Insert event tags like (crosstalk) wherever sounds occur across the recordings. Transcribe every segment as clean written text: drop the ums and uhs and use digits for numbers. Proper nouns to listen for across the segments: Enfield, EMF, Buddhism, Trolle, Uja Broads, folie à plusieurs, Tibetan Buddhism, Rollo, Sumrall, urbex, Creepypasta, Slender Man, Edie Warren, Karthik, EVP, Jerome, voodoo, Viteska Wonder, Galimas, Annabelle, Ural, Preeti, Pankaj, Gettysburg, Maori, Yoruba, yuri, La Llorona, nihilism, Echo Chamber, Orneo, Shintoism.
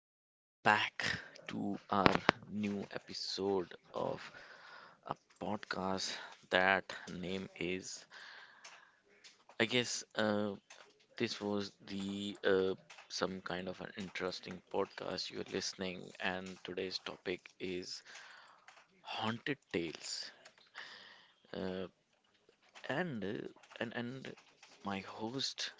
welcome back to our new episode of a podcast. That name is, I guess, this was the some kind of an interesting podcast you're listening, and today's topic is haunted tales. Uh, and and my host,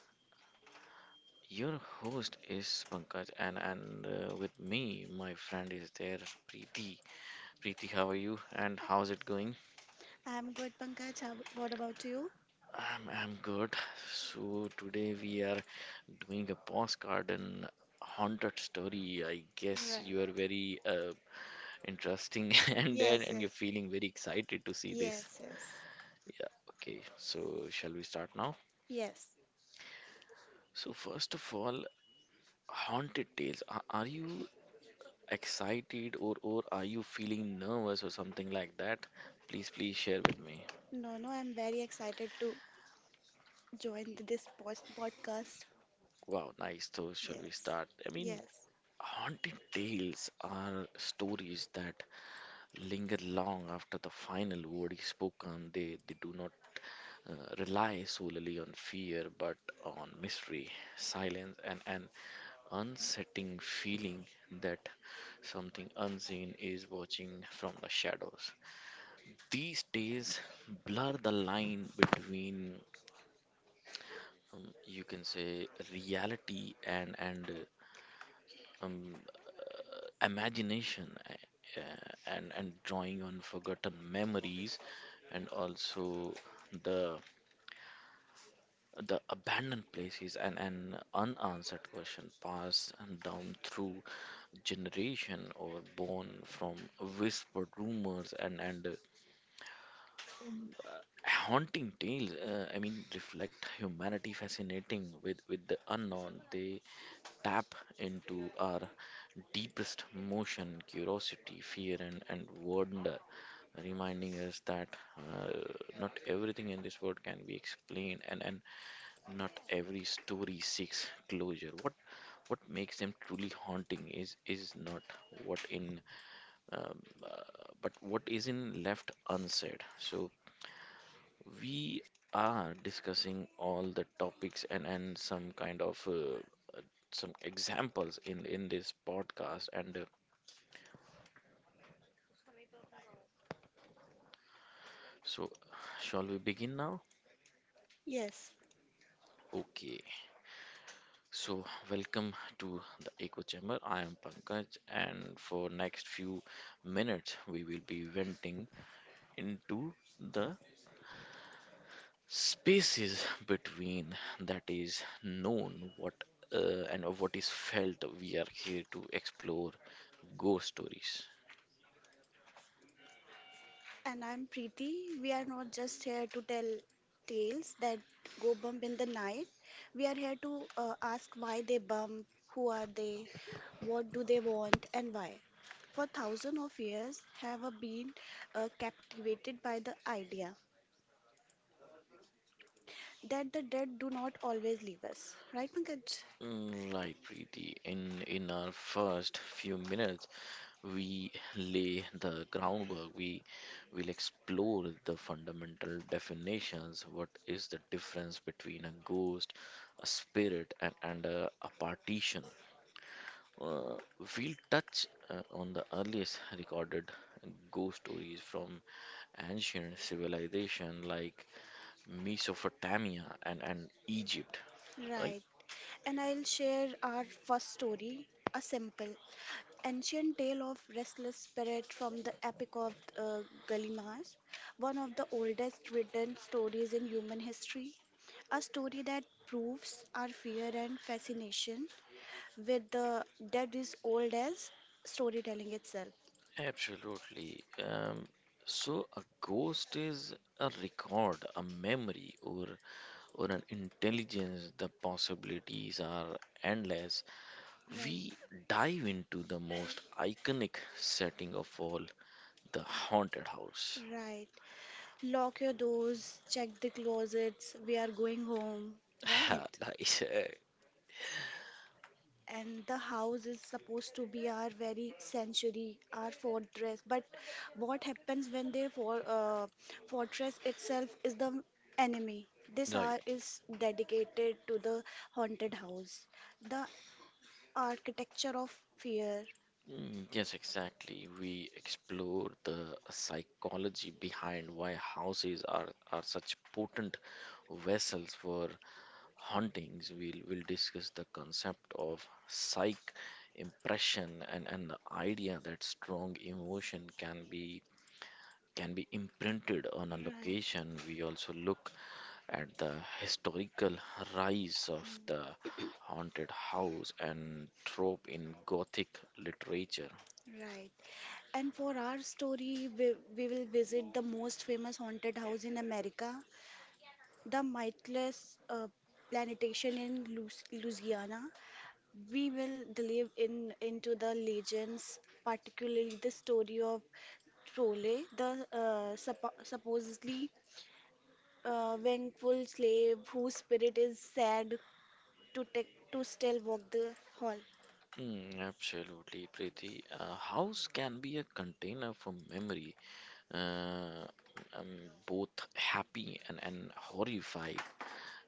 your host is Pankaj, and with me, my friend is there, Preeti. Preeti, how are you and how's it going? I'm good, Pankaj. How, what about you? I'm good. So, today we are doing a postcard and haunted story. I guess Right. you are very interesting (laughs) and, and, Yes, and you're yes. feeling very excited to see this. Yes, yes. Yeah, okay. So, shall we start now? Yes. So, first of all, haunted tales. Are you excited or are you feeling nervous or something like that? Please share with me. No, no, I'm very excited to join this podcast. Wow, nice. So, shall we Yes. start? I mean, Yes. haunted tales are stories that linger long after the final word is spoken. They do not rely solely on fear but on mystery, silence, and an unsettling feeling that something unseen is watching from the shadows. These tales blur the line between, you can say, reality and um, imagination, uh, and drawing on forgotten memories and also the the abandoned places and unanswered question passed and down through generation or born from whispered rumors and haunting tales, I mean, reflect humanity fascinating with the unknown. They tap into our deepest emotion, curiosity, fear, and wonder, reminding us that uh, not everything in this world can be explained, and not every story seeks closure. What makes them truly haunting is not what in um, uh, but what isn't left unsaid. So we are discussing all the topics and some kind of uh, some examples in this podcast and so shall we begin now? Yes. Okay. So, welcome to the Echo Chamber. I am Pankaj, and for next few minutes, we will be venting into the spaces between that is known, what and what is felt. We are here to explore ghost stories. And I'm Preeti. We are not just here to tell tales that go bump in the night. We are here to ask why they bump, who are they, what do they want, and why. For thousands of years, have been captivated by the idea that the dead do not always leave us. Right, Pankaj? Mm, right, Preeti. In our first few minutes, we lay the groundwork. We will explore the fundamental definitions. What is the difference between a ghost, a spirit, and a partition? uh, we'll touch on the earliest recorded ghost stories from ancient civilization like Mesopotamia and Egypt, right? Right. And I'll share our first story, a simple, ancient tale of restless spirit from the epic of uh, Galimas, one of the oldest written stories in human history. A story that proves our fear and fascination with the dead is old as storytelling itself. Absolutely. So a ghost is a record, a memory, or an intelligence. The possibilities are endless. Right, We dive into the most iconic setting of all, the haunted house. right. Lock your doors, check the closets, we are going home. (laughs) Right. Nice, eh? And the house is supposed to be our very sanctuary, our fortress. But what happens when the fortress itself is the enemy? This Right. hour is dedicated to the haunted house, the architecture of fear. Mm, yes, exactly. We explore the psychology behind why houses are such potent vessels for hauntings. We'll discuss the concept of psych impression, and the idea that strong emotion can be, imprinted on a Right, location. We also look at the historical rise of the haunted house and trope in Gothic literature. right. And for our story, we will visit the most famous haunted house in America, the Mightless Plantation in Lu Louisiana. We will delve in into the legends, particularly the story of Trolle, the supposedly vengeful slave whose spirit is sad to take to still walk the hall. Mm, absolutely, Preeti. A house can be a container for memory, uh, both happy and horrified.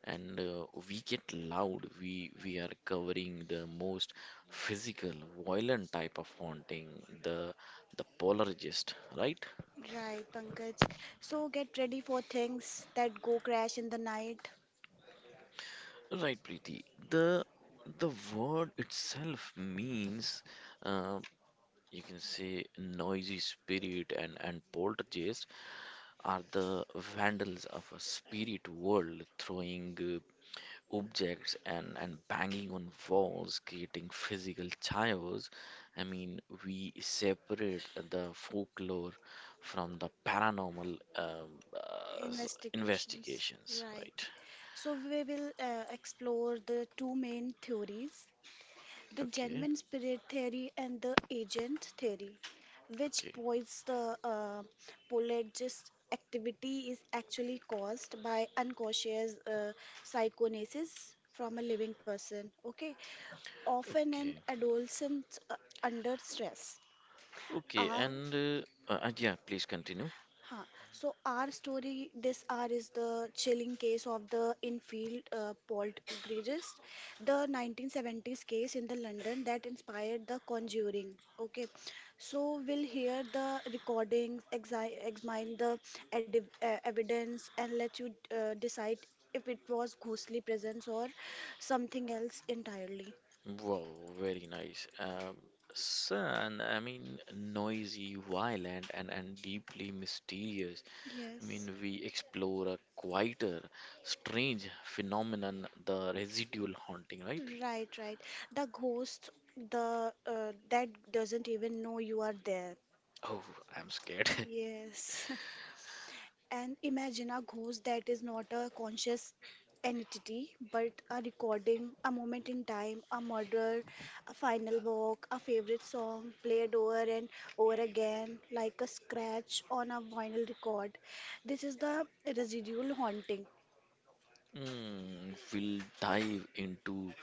And we get loud. We are covering the most physical, violent type of haunting, the the poltergeist, right? Right, Pankaj. So get ready for things that go crash in the night. Right, Preeti. The the word itself means, uh, you can say, noisy spirit, and poltergeist are the vandals of a spirit world, throwing objects, and banging on walls, creating physical chaos. I mean, we separate the folklore from the paranormal, Investigations. investigations, Right. right? So we will explore the two main theories, the Okay, genuine spirit theory and the agent theory, which okay, points the polygist activity is actually caused by unconscious psychonesis from a living person. Okay, often an okay, adolescent uh, under stress. okay, Our and yeah, please continue. Huh. So our story this R, is the chilling case of the Enfield poltergeist, the 1970s case in the London that inspired The Conjuring. Okay, so we'll hear the recordings, exi examine the evidence, and let you decide if it was ghostly presence or something else entirely. Wow, very nice. Son, I mean, noisy, violent, and deeply mysterious. I Yes. mean, we explore a quieter, strange phenomenon, the residual haunting, right? Right, right. The ghost, the that doesn't even know you are there. Oh, I'm scared. (laughs) Yes. (laughs) And imagine a ghost that is not a conscious entity, but a recording, a moment in time, a murder, a final walk, a favorite song played over and over again, like a scratch on a vinyl record. This is the residual haunting. Mm, we'll dive into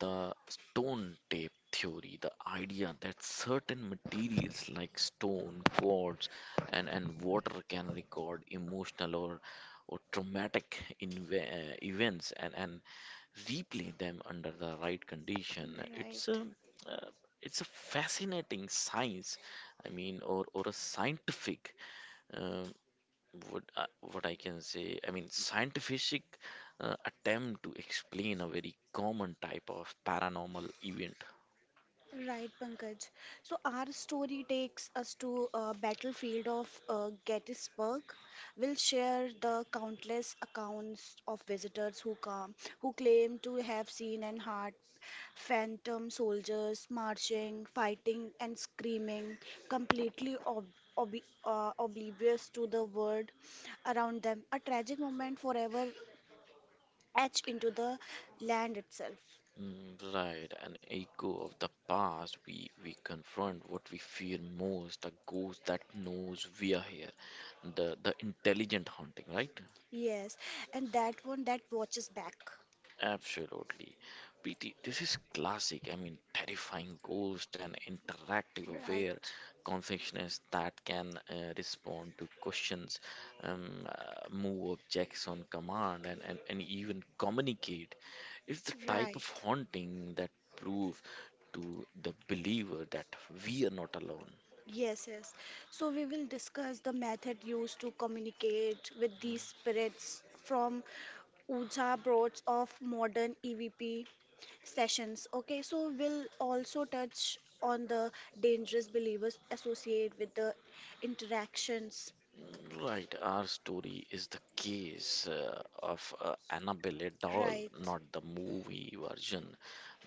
the stone tape theory, the idea that certain materials like stone, quartz, and water can record emotional or traumatic events, and replay them under the right condition. Right. Uh, it's a fascinating science, I mean, or a scientific, um, what I can say, I mean, scientific attempt to explain a very common type of paranormal event. Right, Pankaj. So our story takes us to a battlefield of Gettysburg. We'll share the countless accounts of visitors who come, who claim to have seen and heard phantom soldiers marching, fighting, and screaming, completely ob ob oblivious to the world around them. A tragic moment forever etched into the land itself. Mm, right, an echo of the past. We confront what we fear most, a ghost that knows we are here, the intelligent haunting, right? Yes, and that one that watches back. Absolutely. PT, this is classic. I mean, terrifying ghost and interactive aware Right, consciousness that can respond to questions, move objects on command, and even communicate. It's the type of right. haunting that proves to the believer that we are not alone. Yes, yes. So we will discuss the method used to communicate with these spirits from Uja Broads of modern EVP sessions. Okay, so we'll also touch on the dangerous believers associated with the interactions. Right, our story is the case of Annabelle doll, Right. not the movie version,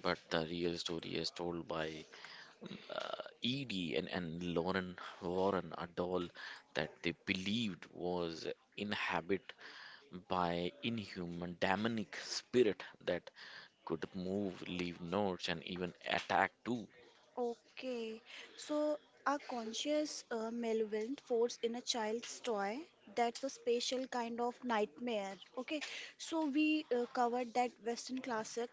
but the real story is told by Edie and Lauren Warren, a doll that they believed was inhabited by inhuman demonic spirit that could move, leave notes, and even attack too. Okay, so a conscious malevolent force in a child's toy, that's a special kind of nightmare. Okay, so we covered that Western classic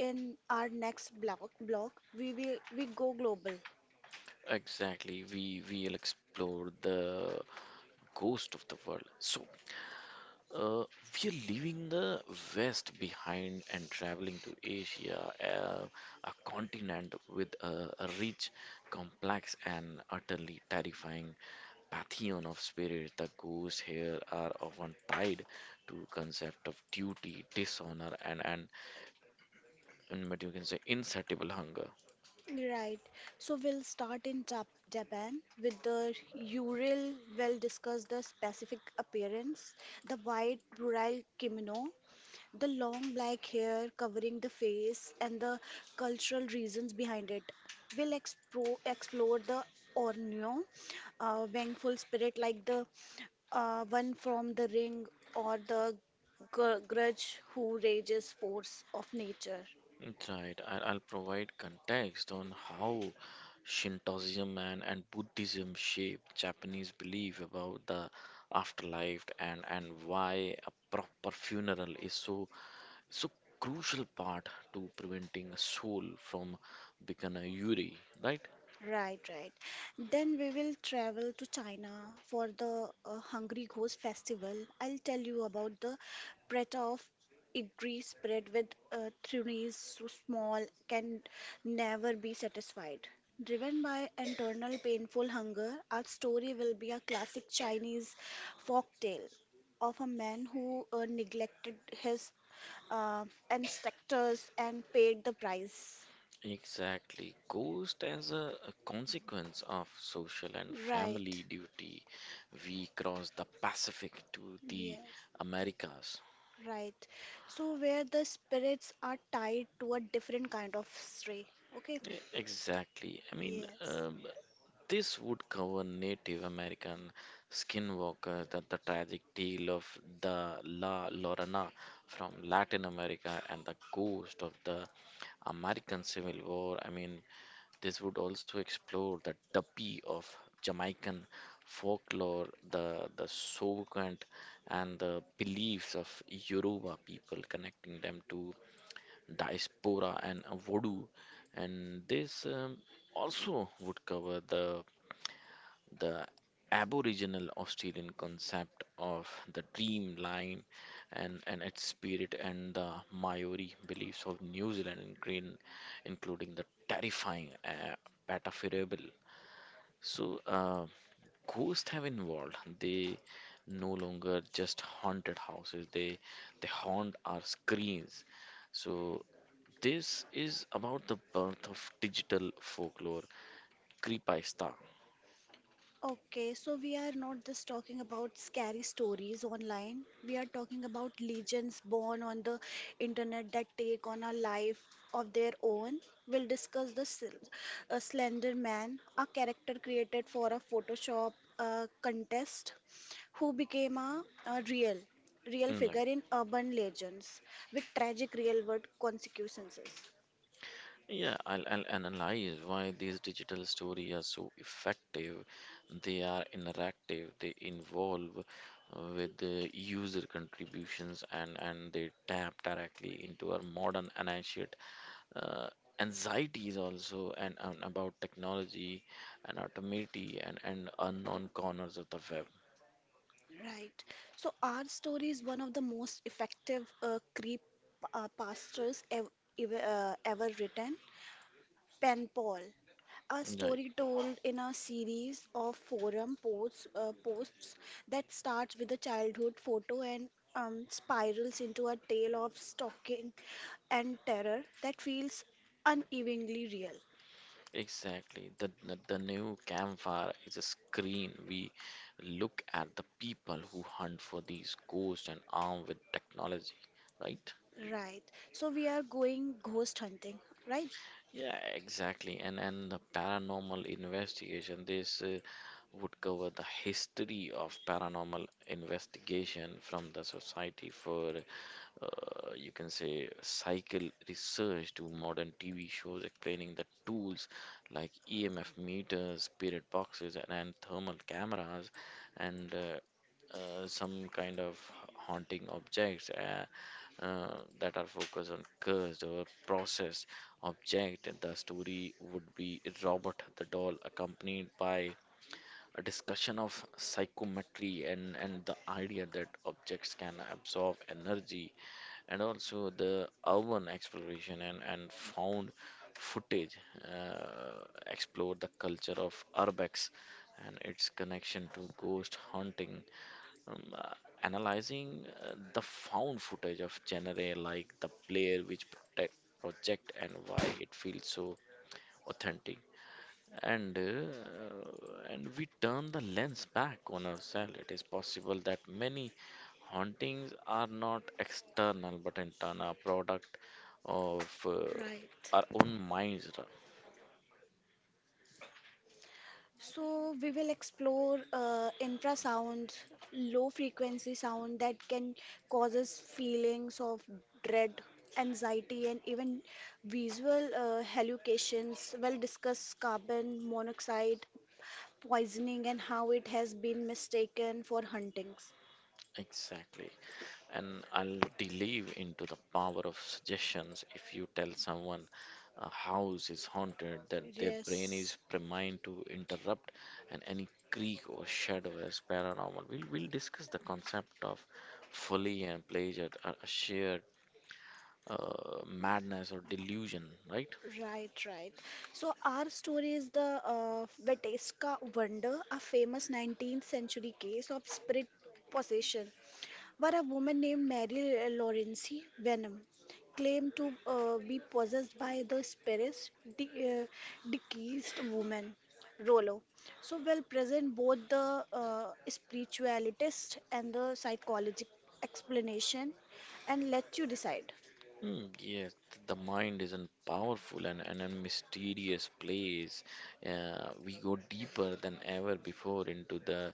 in our next block. Block we will we go global. Exactly, we we'll explore the ghost of the world. So Uh, we are leaving the West behind and traveling to Asia, a continent with a rich, complex, and utterly terrifying pantheon of spirits. The ghosts here are often tied to concept of duty, dishonor, and what you can say insatiable hunger. Right. So we'll start in Japan with the Ural. We'll discuss the specific appearance, the white rural kimono, the long black hair covering the face and the cultural reasons behind it. Explore the Orneo, vengeful spirit like the one from the ring or the grudge who rages force of nature. Right, I'll provide context on how Shintoism and Buddhism shape Japanese belief about the afterlife, and why a proper funeral is so crucial part to preventing a soul from becoming a yuri, right? Right, right. Then we will travel to China for the Hungry Ghost Festival. I'll tell you about the preta of idli spread with threes so small can never be satisfied. Driven by internal painful hunger, our story will be a classic Chinese folk tale of a man who neglected his uh, ancestors and paid the price. Exactly. Ghost as a consequence of social and family Right. duty, we crossed the Pacific to the Yes. Americas. Right. So where the spirits are tied to a different kind of stray. Okay. Exactly. I mean, Yes. um, this would cover Native American skinwalker, the tragic tale of the La Llorona from Latin America, and the ghost of the American Civil War. I mean, this would also explore the Tuppy of Jamaican folklore, the Soukant, and the beliefs of Yoruba people, connecting them to diaspora and voodoo, and this, also would cover the aboriginal Australian concept of the dreamline and its spirit, and the Maori beliefs of New Zealand, including the terrifying patafirable. So, ghosts have involved. They no longer just haunted houses. They haunt our screens. So this is about the birth of digital folklore, Creepypasta. Okay, so we are not just talking about scary stories online. We are talking about legends born on the internet that take on a life of their own. We'll discuss the Slender Man, a character created for a Photoshop contest, who became a real Mm, right. figure in urban legends with tragic real-world consequences. Yeah, I'll analyze why these digital stories are so effective. They are interactive, they involve with the user contributions, and they tap directly into our modern anxiety, uh, anxieties also, and about technology and automaty, and unknown corners of the web. Right. So our story is one of the most effective creep pastors ev ev ever written, Pen Pal. A Right. story told in a series of forum posts that starts with a childhood photo and spirals into a tale of stalking and terror that feels unevenly real. Exactly. The new campfire is a screen. We look at the people who hunt for these ghosts and armed with technology, right? Right. So we are going ghost hunting, right? Yeah, exactly. And the paranormal investigation. This would cover the history of paranormal investigation from the Society for you can say cycle research to modern TV shows, explaining the tools like EMF meters, period boxes, and thermal cameras, and some kind of haunting objects, that are focused on cursed or processed object. The story would be Robert the doll, accompanied by a discussion of psychometry, and the idea that objects can absorb energy, and also the urban exploration, and found footage. uh, Explored the culture of urbex and its connection to ghost hunting, um, uh, analyzing the found footage of genre like the player which protect, project, and why it feels so authentic. And and we turn the lens back on ourselves. It is possible that many hauntings are not external but internal, a product of our Right. own minds. So, we will explore infrasound, low frequency sound that can causes feelings of dread, anxiety, and even visual hallucinations. We'll discuss carbon monoxide poisoning and how it has been mistaken for huntings. Exactly. And I'll delve into the power of suggestions. If you tell someone a house is haunted, that their brain Yes, is primed to interrupt, and any creak or shadow is paranormal. We'll discuss the concept of folly and pleasure, a shared madness or delusion, right? right, right. So our story is the Viteska Wonder, a famous 19th century case of spirit possession. But a woman named Mary Laurency Venom claimed to be possessed by the spirit de- uh, deceased woman Rollo. So will present both the spiritualist and the psychologic explanation and let you decide. Mm, yes, the mind is a powerful and a mysterious place. We go deeper than ever before into the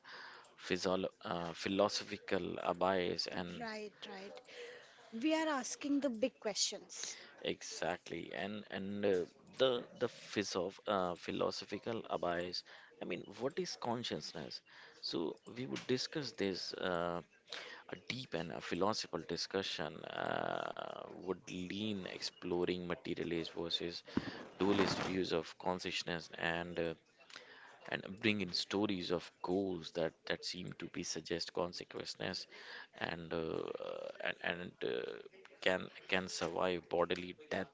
philosophical abyss and, Right, right. We are asking the big questions. exactly, and the physof philosophical abyss. I mean, what is consciousness? So we would discuss this. A deep and a philosophical discussion would lean exploring materialist versus dualist views of consciousness, and bring in stories of goals that seem to be suggest consequences, and and and uh, can, survive bodily death,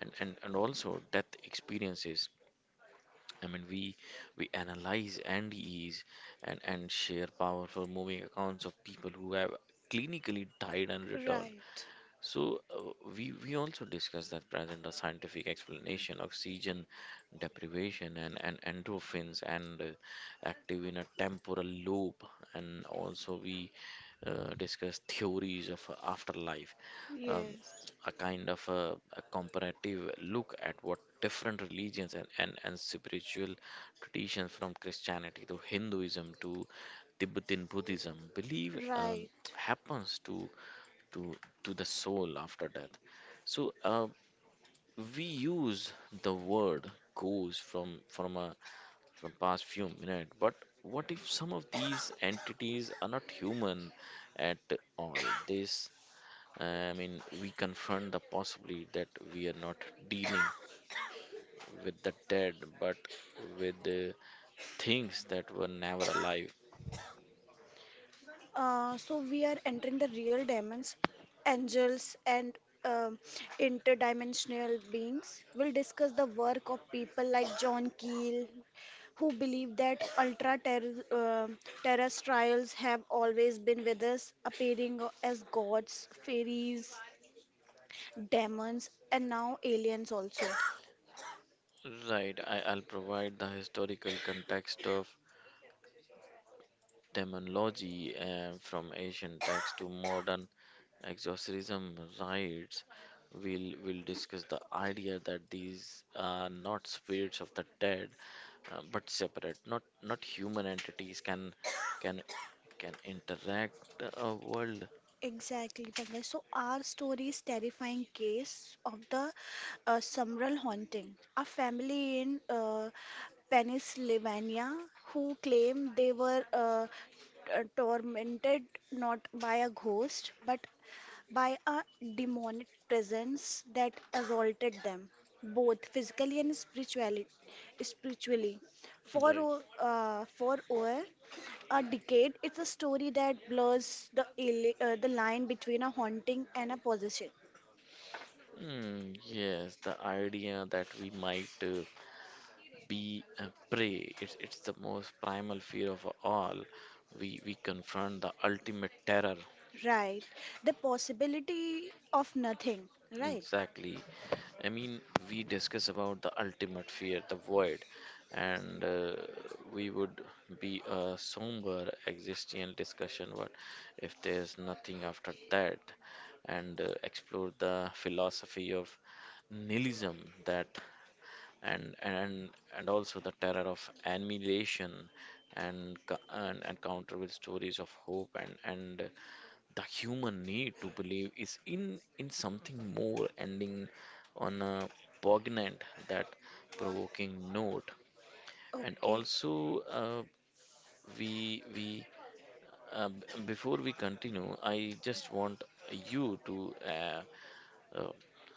and also death experiences. I mean, we analyze and ease and share powerful moving accounts of people who have clinically died and returned. Right. So, we also discussed that present a scientific explanation of oxygen deprivation, and endorphins, and active in a temporal lobe, and also we discussed theories of afterlife, um, Yes. a kind of a comparative look at what different religions, and spiritual traditions from Christianity to Hinduism to Tibetan Buddhism believe Right. happens to to the soul after death. So we use the word goes from a from past few minutes, but what if some of these entities are not human at all? This I mean, we confront the possibility that we are not dealing with the dead, but with the things that were never alive. So we are entering the real diamonds, angels, and um interdimensional beings. We'll discuss the work of people like John Keel, who believe that terrestrials have always been with us, appearing as gods, fairies, demons, and now aliens also. Right, I'll provide the historical context of terminology from ancient texts to modern exorcism rites. We'll discuss the idea that these are not spirits of the dead, but separate, not human entities can can interact a world. Exactly, Pankaj. So our story is terrifying case of the Sumrall haunting. A family in Pennsylvania who claimed they were tormented not by a ghost but by a demonic presence that assaulted them both physically and spiritually for Right. For over a decade. It's a story that blurs the, the line between a haunting and a possession, Mm, yes, the idea that we might be a prey. It's the most primal fear of all. We confront the ultimate terror. right? The possibility of nothing, right? Exactly. I mean, we discuss about the ultimate fear, the void, and we would be a somber existential discussion. What if there's nothing after that? And explore the philosophy of nihilism that, and and also the terror of annihilation, and and counter with stories of hope and the human need to believe is in something more ending on a poignant that provoking note. And Okay, also, uh, we we before we continue, I just want you to uh, uh,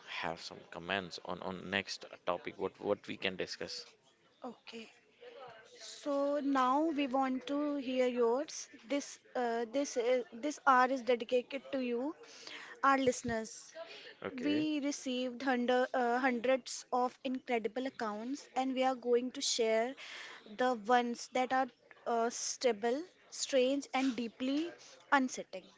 have some comments on next topic what we can discuss. okay. So now we want to hear yours. This hour is dedicated to you, our listeners. Okay. We received hundreds of incredible accounts, and we are going to share the ones that are stable, strange, and deeply unsettling.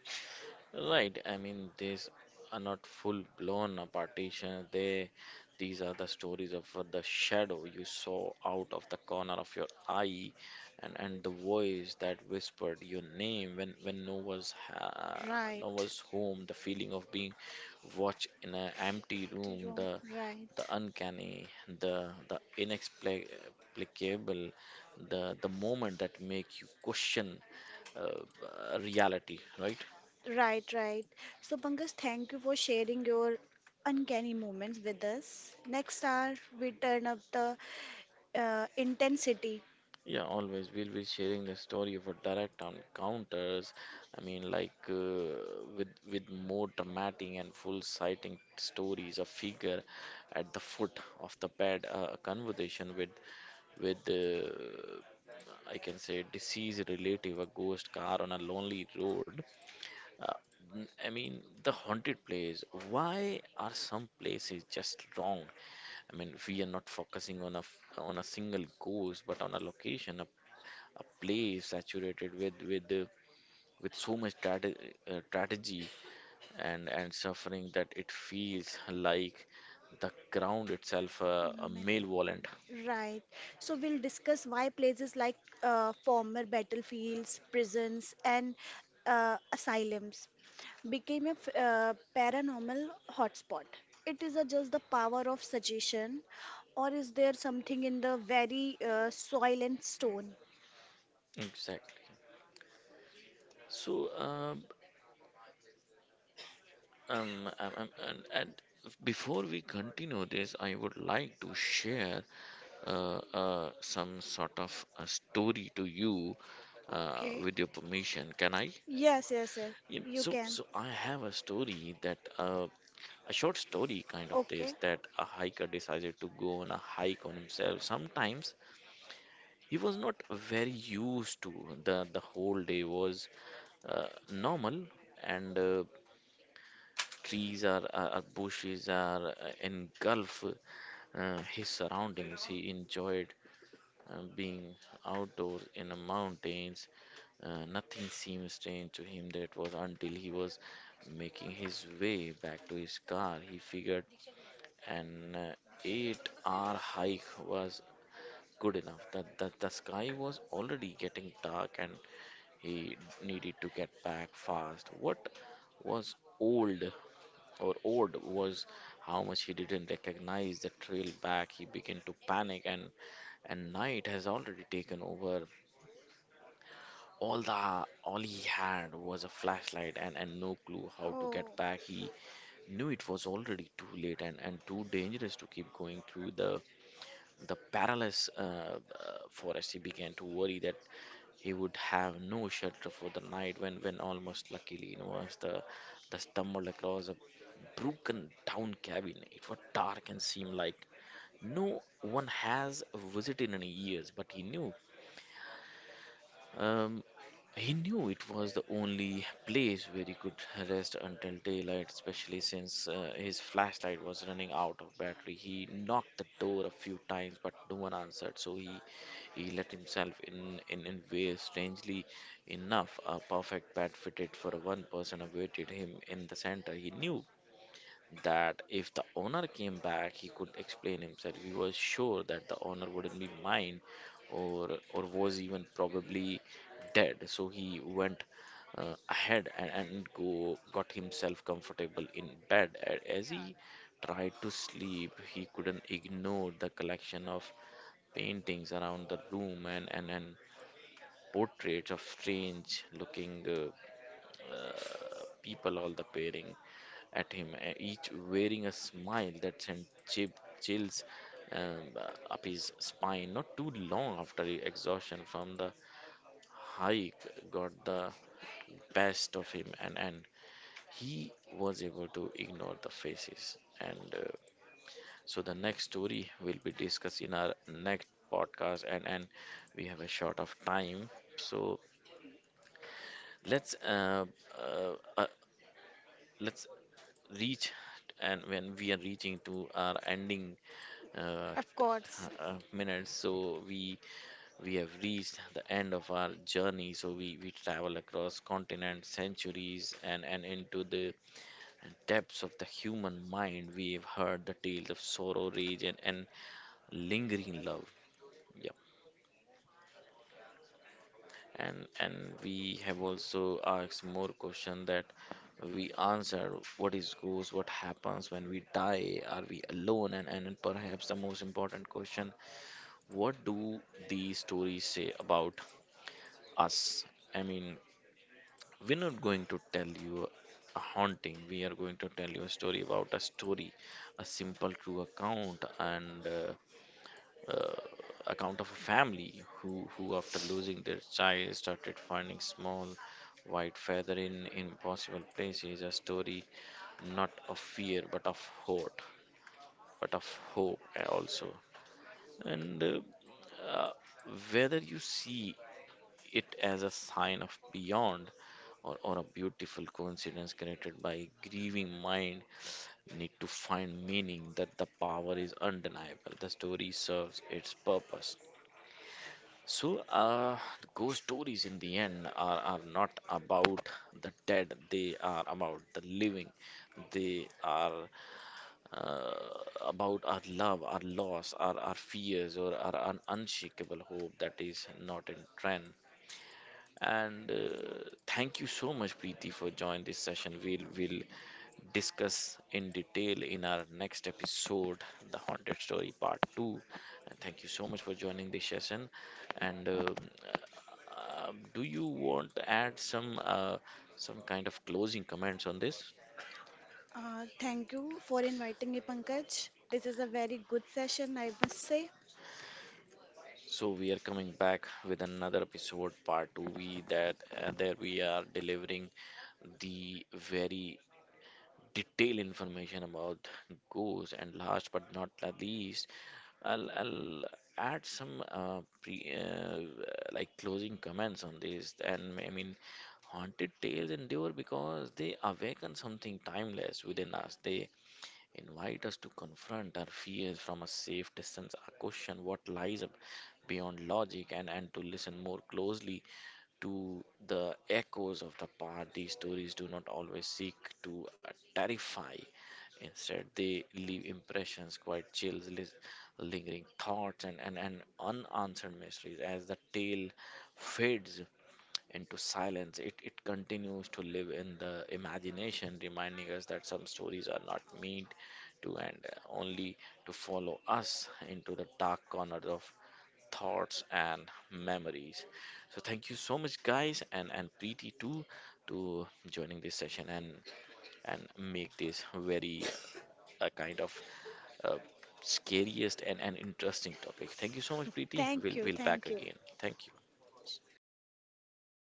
Right. I mean, these are not full blown partition. They, these are the stories of the shadow you saw out of the corner of your eye, and the voice that whispered your name when no was ha no Right, was home. The feeling of being watched in an empty room. Jerome, The right. uncanny. The inexplicable. The moment that make you question uh, reality. Right. Right, right. So, Pankaj, thank you for sharing your uncanny moments with us. Next hour, we turn up the intensity. Yeah, always. We'll be sharing the story of our direct encounters. I mean, like with more dramatic and full sighting stories. A figure at the foot of the bed. A conversation with I can say deceased relative. A ghost car on a lonely road. Uh, I mean, the haunted place. Why are some places just wrong? I mean, we are not focusing on a single ghost, but on a location, a play saturated with the, with so much strategy and suffering that it feels like the ground itself a Melody. malevolent. Right. So, we'll discuss why places like former battlefields, prisons, and asylums became a paranormal hotspot. It is just the power of suggestion, or is there something in the very soil and stone? Exactly. So, and before we continue this, I would like to share some sort of a story to you Okay. with your permission. Can I? Yes, yes, yes. Yeah, You so can. so I have a story that a short story kind of this, Okay. that a hiker decided to go on a hike on himself. Sometimes he was not very used to the whole day was normal, and trees are bushes are engulf his surroundings. He enjoyed being outdoors in the mountains. Nothing seemed strange to him. That was until he was making his way back to his car. He figured an eight-hour hike was good enough. The sky was already getting dark and he needed to get back fast. What was old or odd was how much he didn't recognize the trail back. He began to panic, and night has already taken over. All the all he had was a flashlight, and no clue how to get Oh, back. He knew it was already too late, and too dangerous to keep going through the perilous forest. He began to worry that he would have no shelter for the night, when almost luckily you was the stumbled across a broken down cabin. It was dark and seemed like no one has visited in years, but Um, he knew it was the only place where he could rest until daylight, especially since his flashlight was running out of battery. He knocked the door a few times, but no one answered, so he let himself in, in ways strangely enough. A perfect bed fitted for one person awaited him in the center. He knew that if the owner came back, he could explain himself. He was sure that the owner wouldn't be mine, or was even probably dead. So he went ahead and go got himself comfortable in bed. As he tried to sleep, he couldn't ignore the collection of paintings around the room and portraits of strange looking. People all the peering at him, each wearing a smile that sent chills up his spine. Not too long after, the exhaustion from the hike got the best of him, and he was able to ignore the faces. And so the next story will be discussed in our next podcast, and we have a short of time. So let's uh, uh, uh, let's reach, and when we are reaching to our ending uh, of t- course. Minutes. So we have reached the end of our journey. So we travel across continents, centuries, and into the depths of the human mind. We have heard the tales of sorrow, rage, and lingering love. Yeah. And we have also asked more question that we answer. What is ghost? What happens when we die? Are we alone? And perhaps the most important question, what do these stories say about us? I mean, we're not going to tell you a haunting, we are going to tell you a story about a story, a simple true account, and uh, account of a family who after losing their child started finding small white feather in impossible places. A story not of fear but of hope, but of hope also. And uh, whether you see it as a sign of beyond, or a beautiful coincidence created by grieving mind need to find meaning, that the power is undeniable. The story serves its purpose. So, ghost stories in the end are not about the dead, they are about the living. They are uh, about our love, our loss, our fears, or our unshakable hope that is not in trend. And thank you so much, Preeti, for joining this session. We'll discuss in detail in our next episode, The Haunted Story Part 2. And thank you so much for joining this session. And do you want to add some kind of closing comments on this? Thank you for inviting me, Pankaj. This is a very good session, I must say. So we are coming back with another episode, part two. We that there we are delivering the very detailed information about ghosts. And last but not the least, I'll add some like closing comments on this. And I mean, haunted tales endure because they awaken something timeless within us. They invite us to confront our fears from a safe distance, or question what lies beyond logic, and to listen more closely to the echoes of the past. These stories do not always seek to terrify. Instead, they leave impressions, quiet chills, lingering thoughts, and unanswered mysteries. As the tale fades into silence, it continues to live in the imagination, reminding us that some stories are not meant to end, only to follow us into the dark corners of thoughts and memories. So thank you so much, guys, and Preeti too, to joining this session and make this very a kind of uh, scariest and interesting topic. Thank you so much, Preeti. Thank you, We'll thank you. back again. Thank you.